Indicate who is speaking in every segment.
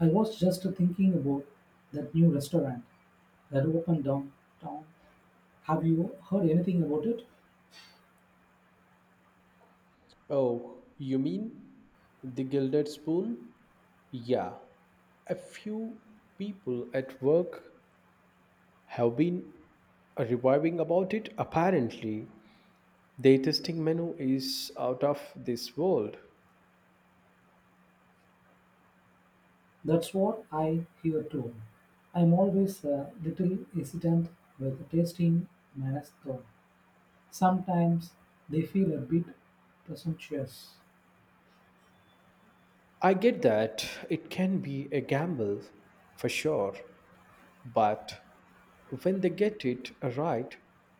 Speaker 1: I was just thinking about that new restaurant that opened downtown. Have you heard anything about it?
Speaker 2: Oh, you mean the gilded spoon? Yeah. A few people at work have been reviving about it. Apparently, the tasting menu is out of this world.
Speaker 1: That's what I hear too. I'm always a little hesitant with tasting mass though. Sometimes they feel a bit presumptuous.
Speaker 2: I get that it can be a gamble, for sure. But when they get it right,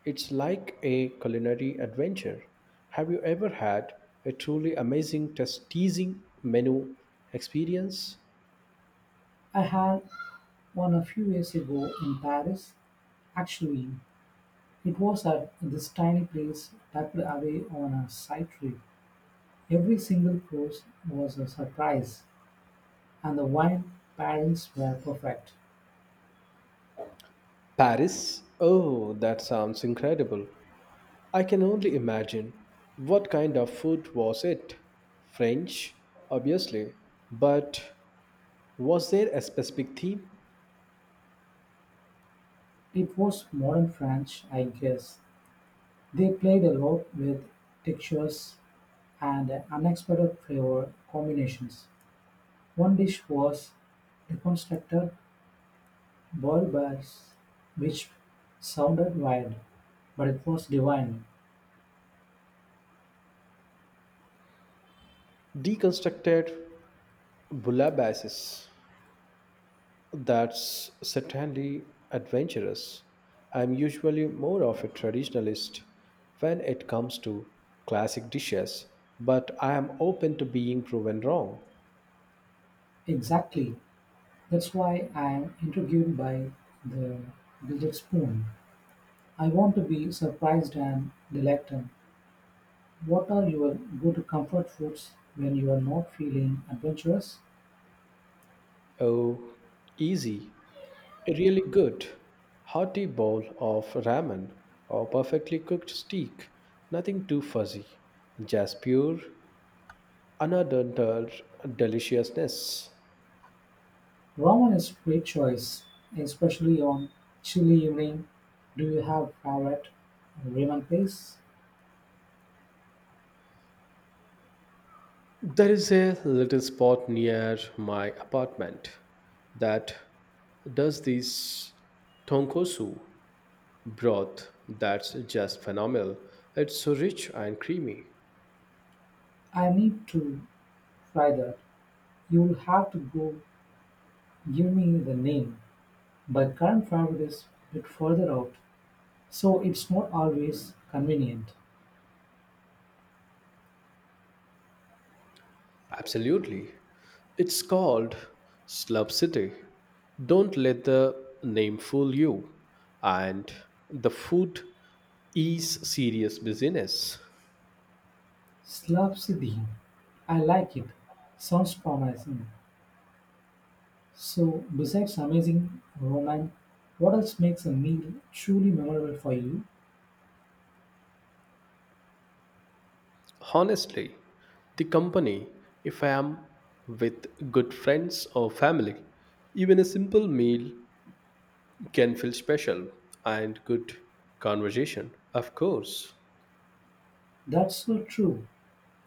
Speaker 2: it's like a culinary adventure. Have you ever had a truly amazing test teasing menu experience?
Speaker 1: I had one a few years ago in Paris. Actually, it was at this tiny place tucked away on a side street. Every single course was a surprise. And the wine pairings were perfect.
Speaker 2: Paris? Oh, that sounds incredible. I can only imagine. What kind of food was it? French, obviously, but was there a specific theme?
Speaker 1: It was modern French, I guess. They played a lot with textures and unexpected flavor combinations. One dish was reconstructed boiled bears, which sounded wild, but it was divine.
Speaker 2: Deconstructed bouillabaisse. That's certainly adventurous. I'm usually more of a traditionalist when it comes to classic dishes, but I am open to being proven wrong.
Speaker 1: Exactly. That's why I am intrigued by the Gilded Spoon. I want to be surprised and delighted. What are your good comfort foods when you are not feeling adventurous?
Speaker 2: Oh, easy. A really good, hearty bowl of ramen or perfectly cooked steak. Nothing too fuzzy, just pure, unadulterated deliciousness.
Speaker 1: Ramen is a great choice, especially on chilly evening. Do you have favorite ramen place?
Speaker 2: There is a little spot near my apartment that does this tonkosu broth that's just phenomenal. It's so rich and creamy.
Speaker 1: I need to try that. You will have to go give me the name. My current favorite is a bit further out, so it's not always convenient.
Speaker 2: Absolutely. It's called Slub City. Don't let the name fool you. And the food is serious business.
Speaker 1: Slab Siddhi. I like it. Sounds promising. So, besides amazing romance, what else makes a meal truly memorable for you?
Speaker 2: Honestly, the company, if I am with good friends or family, even a simple meal can feel special and good conversation, of course.
Speaker 1: That's so true.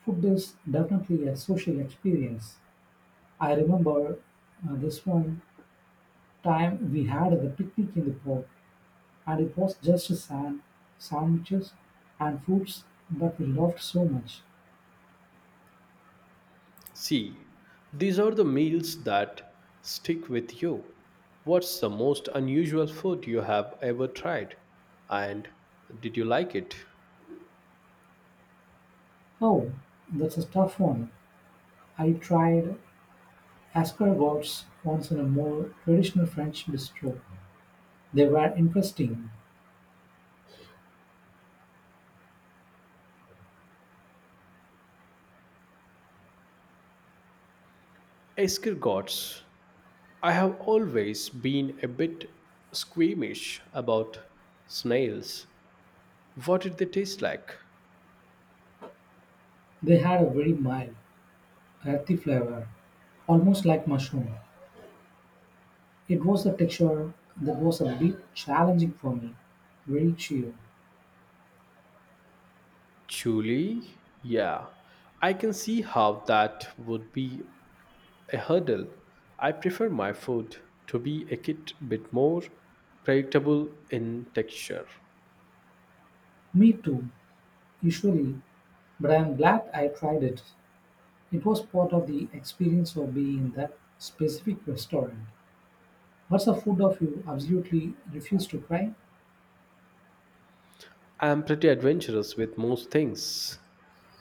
Speaker 1: Food is definitely a social experience. I remember this one time we had the picnic in the park, and it was just sandwiches, and fruits, but we loved so much.
Speaker 2: See, these are the meals that stick with you. What's the most unusual food you have ever tried? And did you like it?
Speaker 1: Oh, that's a tough one. I tried escargots once in a more traditional French bistro. They were interesting.
Speaker 2: Escargots. I have always been a bit squeamish about snails. What did they taste like?
Speaker 1: They had a very mild, earthy flavor, almost like mushroom. It was a texture that was a bit challenging for me, very chew.
Speaker 2: Chili? Yeah. I can see how that would be a hurdle. I prefer my food to be a kit bit more predictable in texture.
Speaker 1: Me too, usually, but I am glad I tried it. It was part of the experience of being in that specific restaurant. What's a food of you absolutely refuse to try?
Speaker 2: I am pretty adventurous with most things,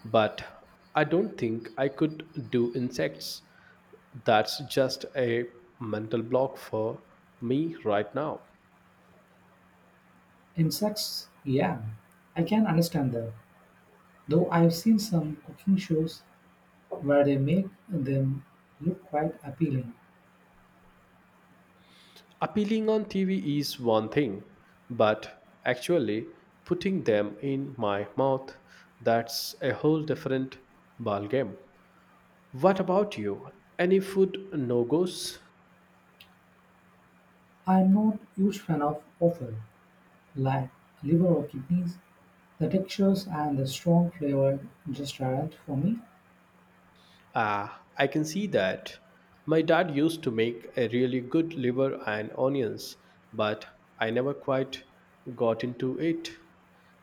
Speaker 2: but I don't think I could do insects. That's just a mental block for me right now.
Speaker 1: Insects? Yeah, I can understand that. Though I've seen some cooking shows where they make them look quite appealing.
Speaker 2: Appealing on TV is one thing, but actually putting them in my mouth, that's a whole different ballgame. What about you? Any food no goes?
Speaker 1: I'm not huge fan of offal. Like liver or kidneys, the textures and the strong flavor just aren't for me.
Speaker 2: Ah, I can see that. My dad used to make a really good liver and onions, but I never quite got into it.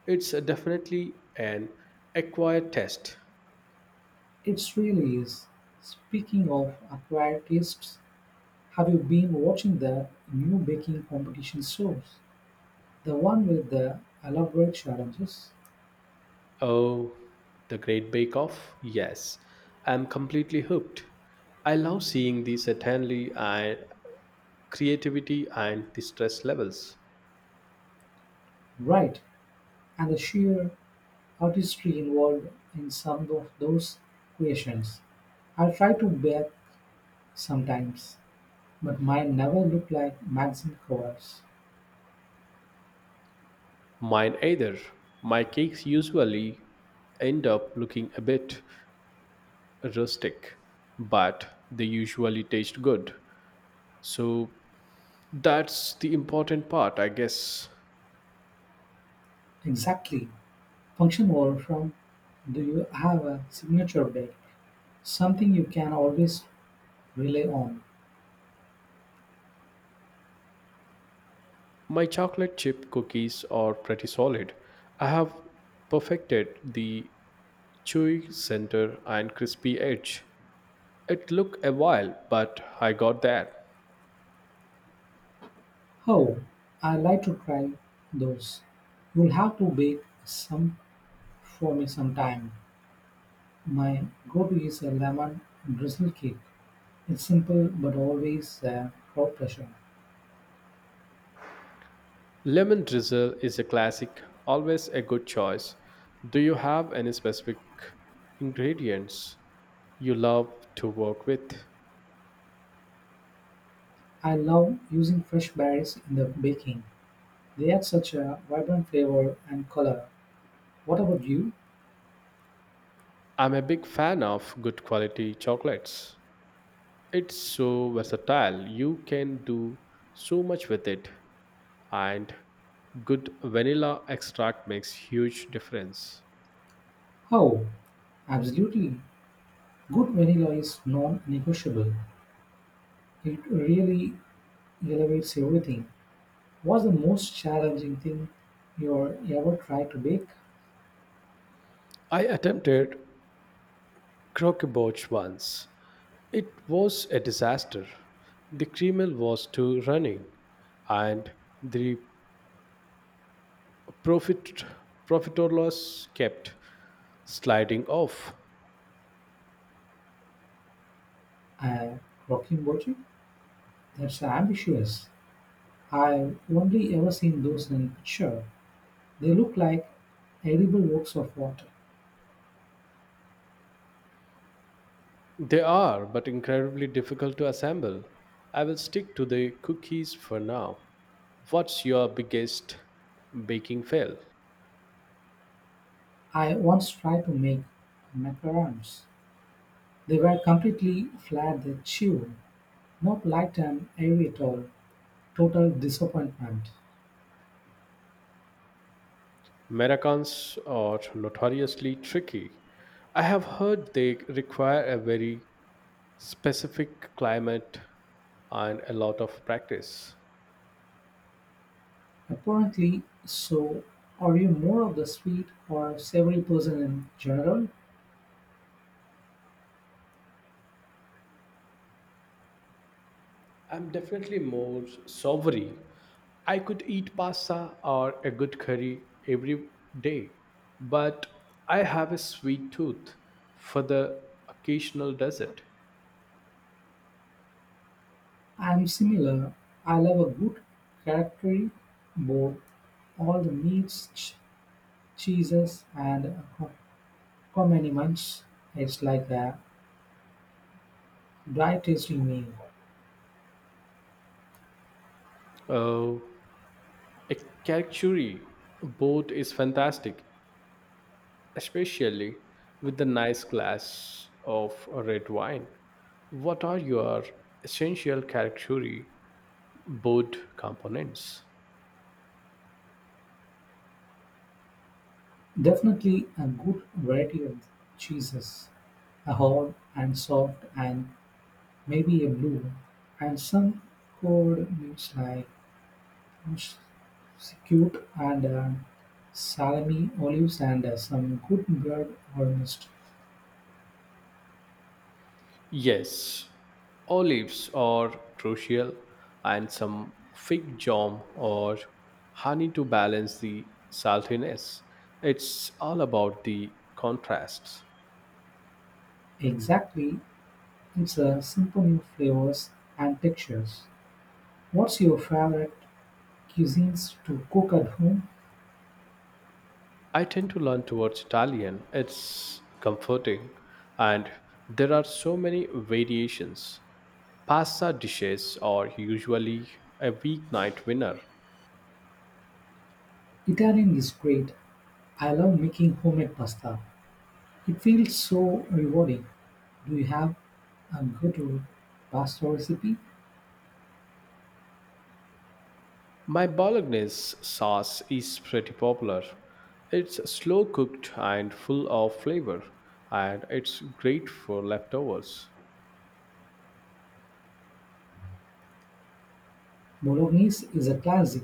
Speaker 2: It's definitely an acquired taste.
Speaker 1: It really is. Speaking of acquired tastes, have you been watching the new baking competition shows? The one with the elaborate challenges?
Speaker 2: Oh, The Great Bake Off? Yes, I'm completely hooked. I love seeing the certainly and creativity and the stress levels.
Speaker 1: Right, and the sheer artistry involved in some of those creations. I try to bake sometimes, but mine never look like magazine covers.
Speaker 2: Mine either. My cakes usually end up looking a bit rustic, but they usually taste good. So that's the important part, I guess.
Speaker 1: Exactly. Function overflow, do you have a signature bake? Something you can always rely on?
Speaker 2: My chocolate chip cookies are pretty solid. I have perfected the chewy center and crispy edge. It took a while, but I got there.
Speaker 1: Oh, I like to try those. You'll have to bake some for me sometime. My go-to is a lemon drizzle cake. It's simple but always a crowd pleasure.
Speaker 2: Lemon drizzle is a classic, always a good choice. Do you have any specific ingredients you love to work with?
Speaker 1: I love using fresh berries in the baking. They add such a vibrant flavor and color. What about you?
Speaker 2: I'm a big fan of good quality chocolates. It's so versatile, you can do so much with it, and good vanilla extract makes huge difference.
Speaker 1: Oh, absolutely. Good vanilla is non-negotiable. It really elevates everything. What's the most challenging thing you're ever tried to bake?
Speaker 2: I attempted croquembouche once. It was a disaster. The Kremlin was too running, and the profit profit or loss kept sliding off.
Speaker 1: A rocking. That's ambitious. I've only ever seen those in picture. They look like edible works of art.
Speaker 2: They are, but incredibly difficult to assemble. I will stick to the cookies for now. What's your biggest baking fail?
Speaker 1: I once tried to make macarons. They were completely flat, they chew, not light and airy at all. Total disappointment.
Speaker 2: Americans are notoriously tricky. I have heard they require a very specific climate and a lot of practice.
Speaker 1: Apparently so, are you more of the sweet or savory person in general?
Speaker 2: I'm definitely more savory. I could eat pasta or a good curry every day, but I have a sweet tooth for the occasional dessert.
Speaker 1: I'm similar. I love a good charcuterie board, all the meats, cheeses, and ac- accompaniments. It's like a dry tasting meal.
Speaker 2: Oh, a charcuterie board is fantastic, especially with a nice glass of red wine. What are your essential charcuterie board components?
Speaker 1: Definitely a good variety of cheeses, a hard and soft, and maybe a blue, and some cold meats like Succoot and salami, olives and some good bread almost.
Speaker 2: Yes, olives are crucial, and some fig jam or honey to balance the saltiness. It's all about the contrasts.
Speaker 1: Exactly, it's a symphony of flavors and textures. What's your favorite cuisines to cook at home?
Speaker 2: I tend to learn towards Italian. It's comforting, and there are so many variations. Pasta dishes are usually a weeknight winner.
Speaker 1: Italian is great. I love making homemade pasta. It feels so rewarding. Do you have a good pasta recipe?
Speaker 2: My bolognese sauce is pretty popular. It's slow cooked and full of flavor, and it's great for leftovers.
Speaker 1: Bolognese is a classic.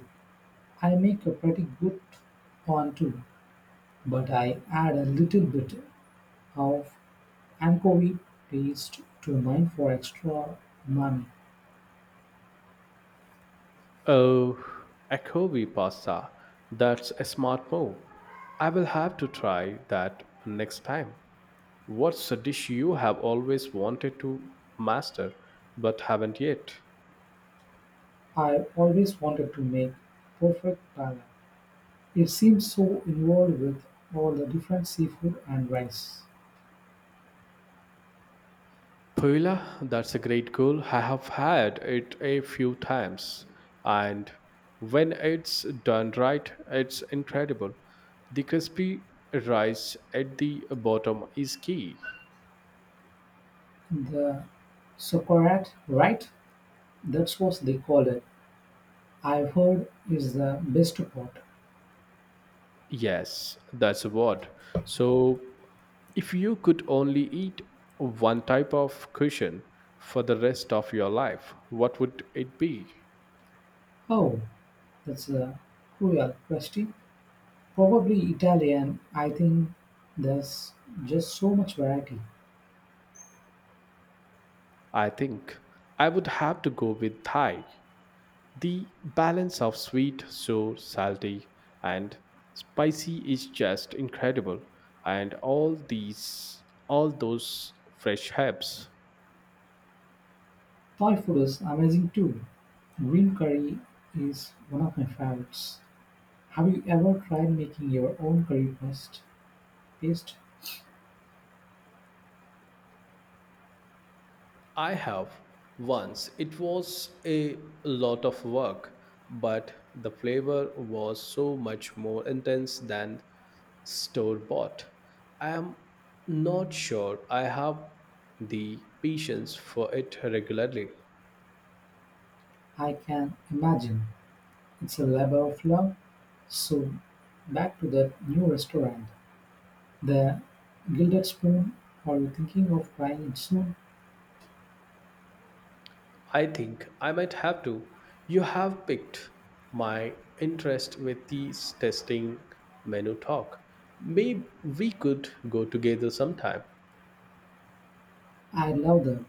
Speaker 1: I make a pretty good one too, but I add a little bit of Ankovic raised to mine for extra money.
Speaker 2: Oh, akobi pasta. That's a smart move. I will have to try that next time. What's a dish you have always wanted to master but haven't yet?
Speaker 1: I always wanted to make perfect pala. It seems so involved with all the different seafood and rice.
Speaker 2: Puella, that's a great goal. I have had it a few times, and when it's done right, it's incredible. The crispy rice at the bottom is key.
Speaker 1: The sauerkraut, right? That's what they call it. I've heard is the best part.
Speaker 2: Yes, that's a word. So, if you could only eat one type of cushion for the rest of your life, what would it be?
Speaker 1: Oh, that's a cruel question. Probably Italian. I think there's just so much variety.
Speaker 2: I think I would have to go with Thai. The balance of sweet, sour, salty, and spicy is just incredible, and all those fresh herbs.
Speaker 1: Thai food is amazing too. Green curry is one of my favorites. Have you ever tried making your own curry paste? Paste,
Speaker 2: I have once. It was a lot of work, but the flavor was so much more intense than store bought. I am not sure I have the patience for it regularly.
Speaker 1: I can imagine. It's a labor of love. So, back to that new restaurant, the Gilded Spoon. Are you thinking of trying it soon?
Speaker 2: I think I might have to. You have piqued my interest with these testing menu talk. Maybe we could go together sometime.
Speaker 1: I love them.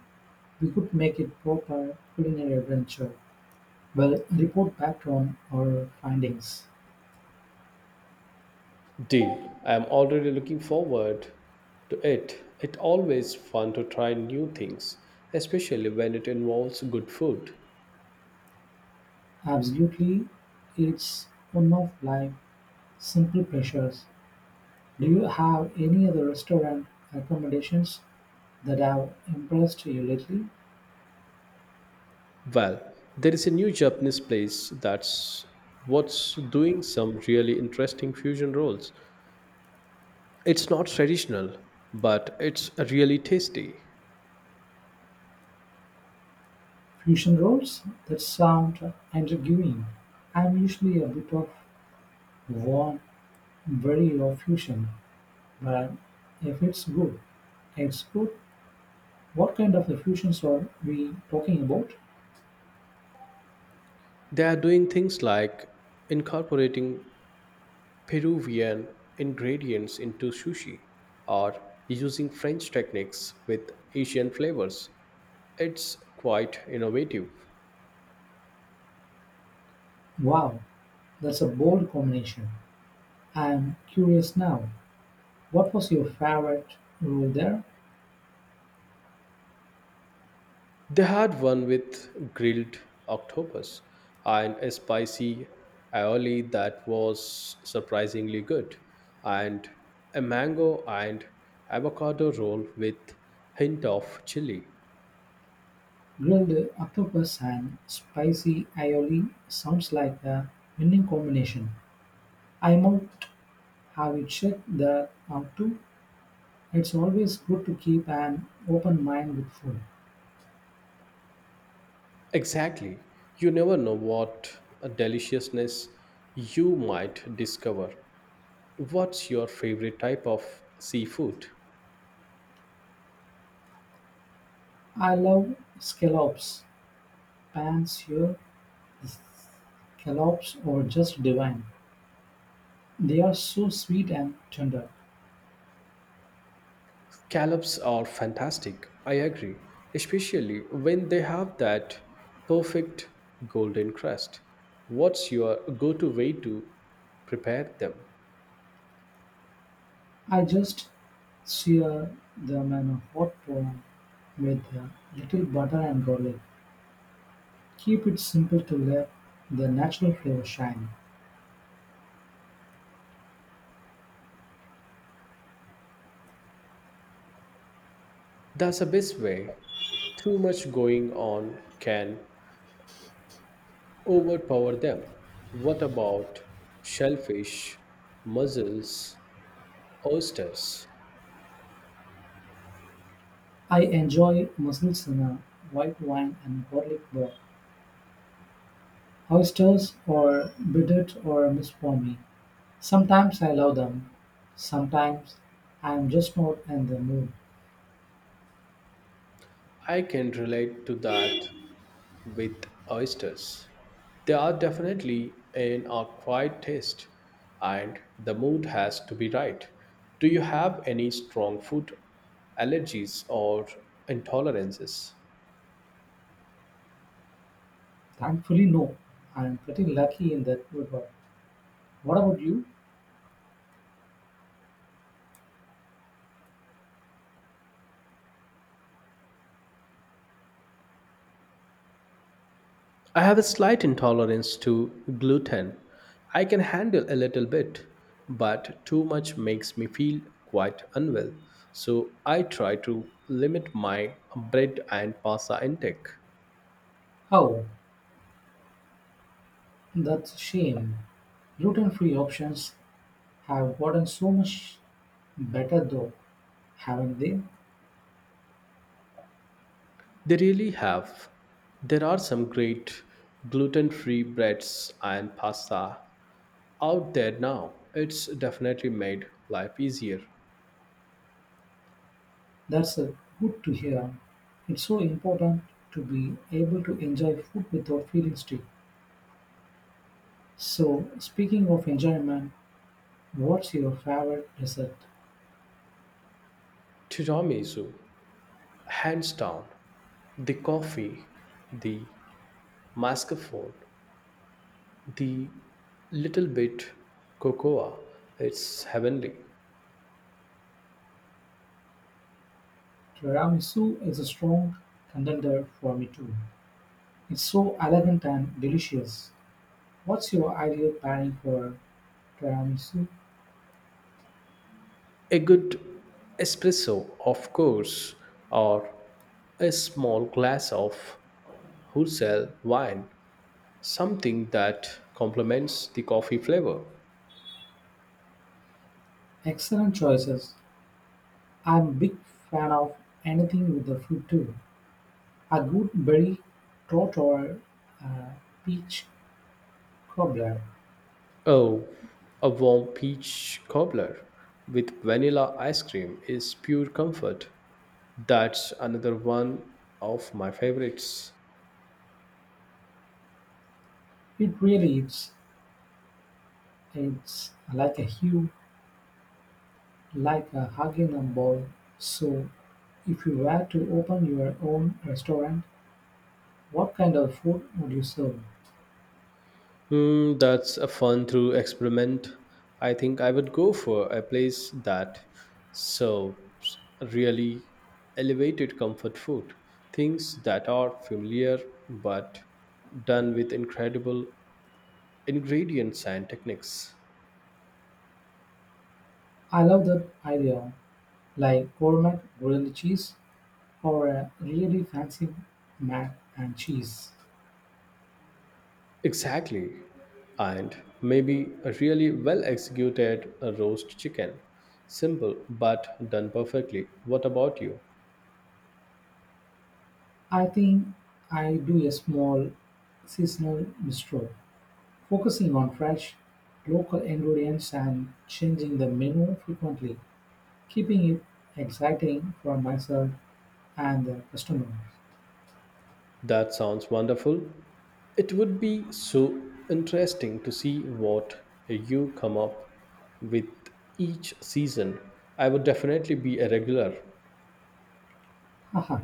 Speaker 1: We could make it proper culinary adventure. Well, report back on our findings.
Speaker 2: Deal. I am already looking forward to it. It's always fun to try new things, especially when it involves good food.
Speaker 1: Absolutely, it's one of life's simple pleasures. Do you have any other restaurant recommendations that have impressed you lately?
Speaker 2: Well, there is a new Japanese place that's what's doing some really interesting fusion rolls. It's not traditional, but it's really tasty.
Speaker 1: Fusion rolls that sound intriguing. I'm usually a bit of warm, very of fusion, but if it's good, it's good. What kind of fusions are we talking about?
Speaker 2: They are doing things like incorporating Peruvian ingredients into sushi or using French techniques with Asian flavors. It's quite innovative.
Speaker 1: Wow, that's a bold combination. I'm curious now. What was your favorite role there?
Speaker 2: They had one with grilled octopus and a spicy aioli that was surprisingly good, and a mango and avocado roll with hint of chili.
Speaker 1: Grilled octopus and spicy aioli sounds like a winning combination. I might have to check that out too. It's always good to keep an open mind with food.
Speaker 2: Exactly. You never know what a deliciousness you might discover. What's your favorite type of seafood?
Speaker 1: I love scallops. Pan-seared scallops are just divine. They are so sweet and tender.
Speaker 2: Callops are fantastic, I agree, especially when they have that perfect golden crust. What's your go to way to prepare them?
Speaker 1: I just sear them in a hot pan with a little butter and garlic. Keep it simple to let the natural flavor shine.
Speaker 2: That's the best way. Too much going on can overpower them. What about shellfish, mussels, oysters?
Speaker 1: I enjoy Musselsana, white wine and garlic bread. Oysters or bittert or a miss for me. Sometimes I love them, sometimes I am just not in the mood.
Speaker 2: I can relate to that with oysters. They are definitely an acquired taste, and the mood has to be right. Do you have any strong food allergies or intolerances?
Speaker 1: Thankfully, no. I am pretty lucky in that regard. What about you?
Speaker 2: I have a slight intolerance to gluten. I can handle a little bit, but too much makes me feel quite unwell. So I try to limit my bread and pasta intake.
Speaker 1: Oh, that's a shame. Gluten free options have gotten so much better, though, haven't they?
Speaker 2: They really have. There are some great gluten free breads and pasta out there now. It's definitely made life easier.
Speaker 1: That's good to hear. It's so important to be able to enjoy food without feeling strict. So, speaking of enjoyment, what's your favorite dessert?
Speaker 2: Tiramisu, hands down. The coffee, the mascarpone, the little bit cocoa. It's heavenly.
Speaker 1: Tiramisu is a strong contender for me too. It's so elegant and delicious. What's your ideal pairing for tiramisu?
Speaker 2: A good espresso, of course, or a small glass of wholesale wine. Something that complements the coffee flavor.
Speaker 1: Excellent choices. I'm a big fan of anything with the fruit too. A good berry tart or a peach cobbler.
Speaker 2: Oh, a warm peach cobbler with vanilla ice cream is pure comfort. That's another one of my favorites.
Speaker 1: It really is. It's like a huge. Like hugging a Haginum Bowl, so if you were to open your own restaurant, what kind of food would you serve?
Speaker 2: Hmm, that's a fun through experiment. I think I would go for a place that serves really elevated comfort food, things that are familiar but done with incredible ingredients and techniques.
Speaker 1: I love that idea, like gourmet grilled cheese or a really fancy mac and cheese.
Speaker 2: Exactly. And maybe a really well executed roast chicken. Simple, but done perfectly. What about you?
Speaker 1: I think I do a small seasonal bistro, focusing on fresh, local ingredients and changing the menu frequently, keeping it exciting for myself and the customers.
Speaker 2: That sounds wonderful. It would be so interesting to see what you come up with each season. I would definitely be a regular.
Speaker 1: Haha.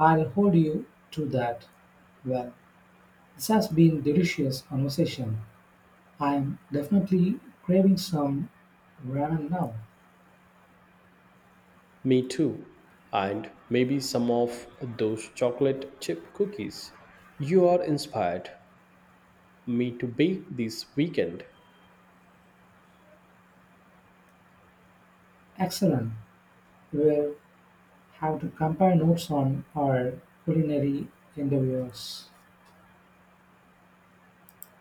Speaker 1: I'll hold you to that. Well, this has been delicious conversation. I'm definitely craving some ramen now.
Speaker 2: Me too. And maybe some of those chocolate chip cookies. You are inspired me to bake this weekend.
Speaker 1: Excellent. We'll have to compare notes on our culinary endeavors.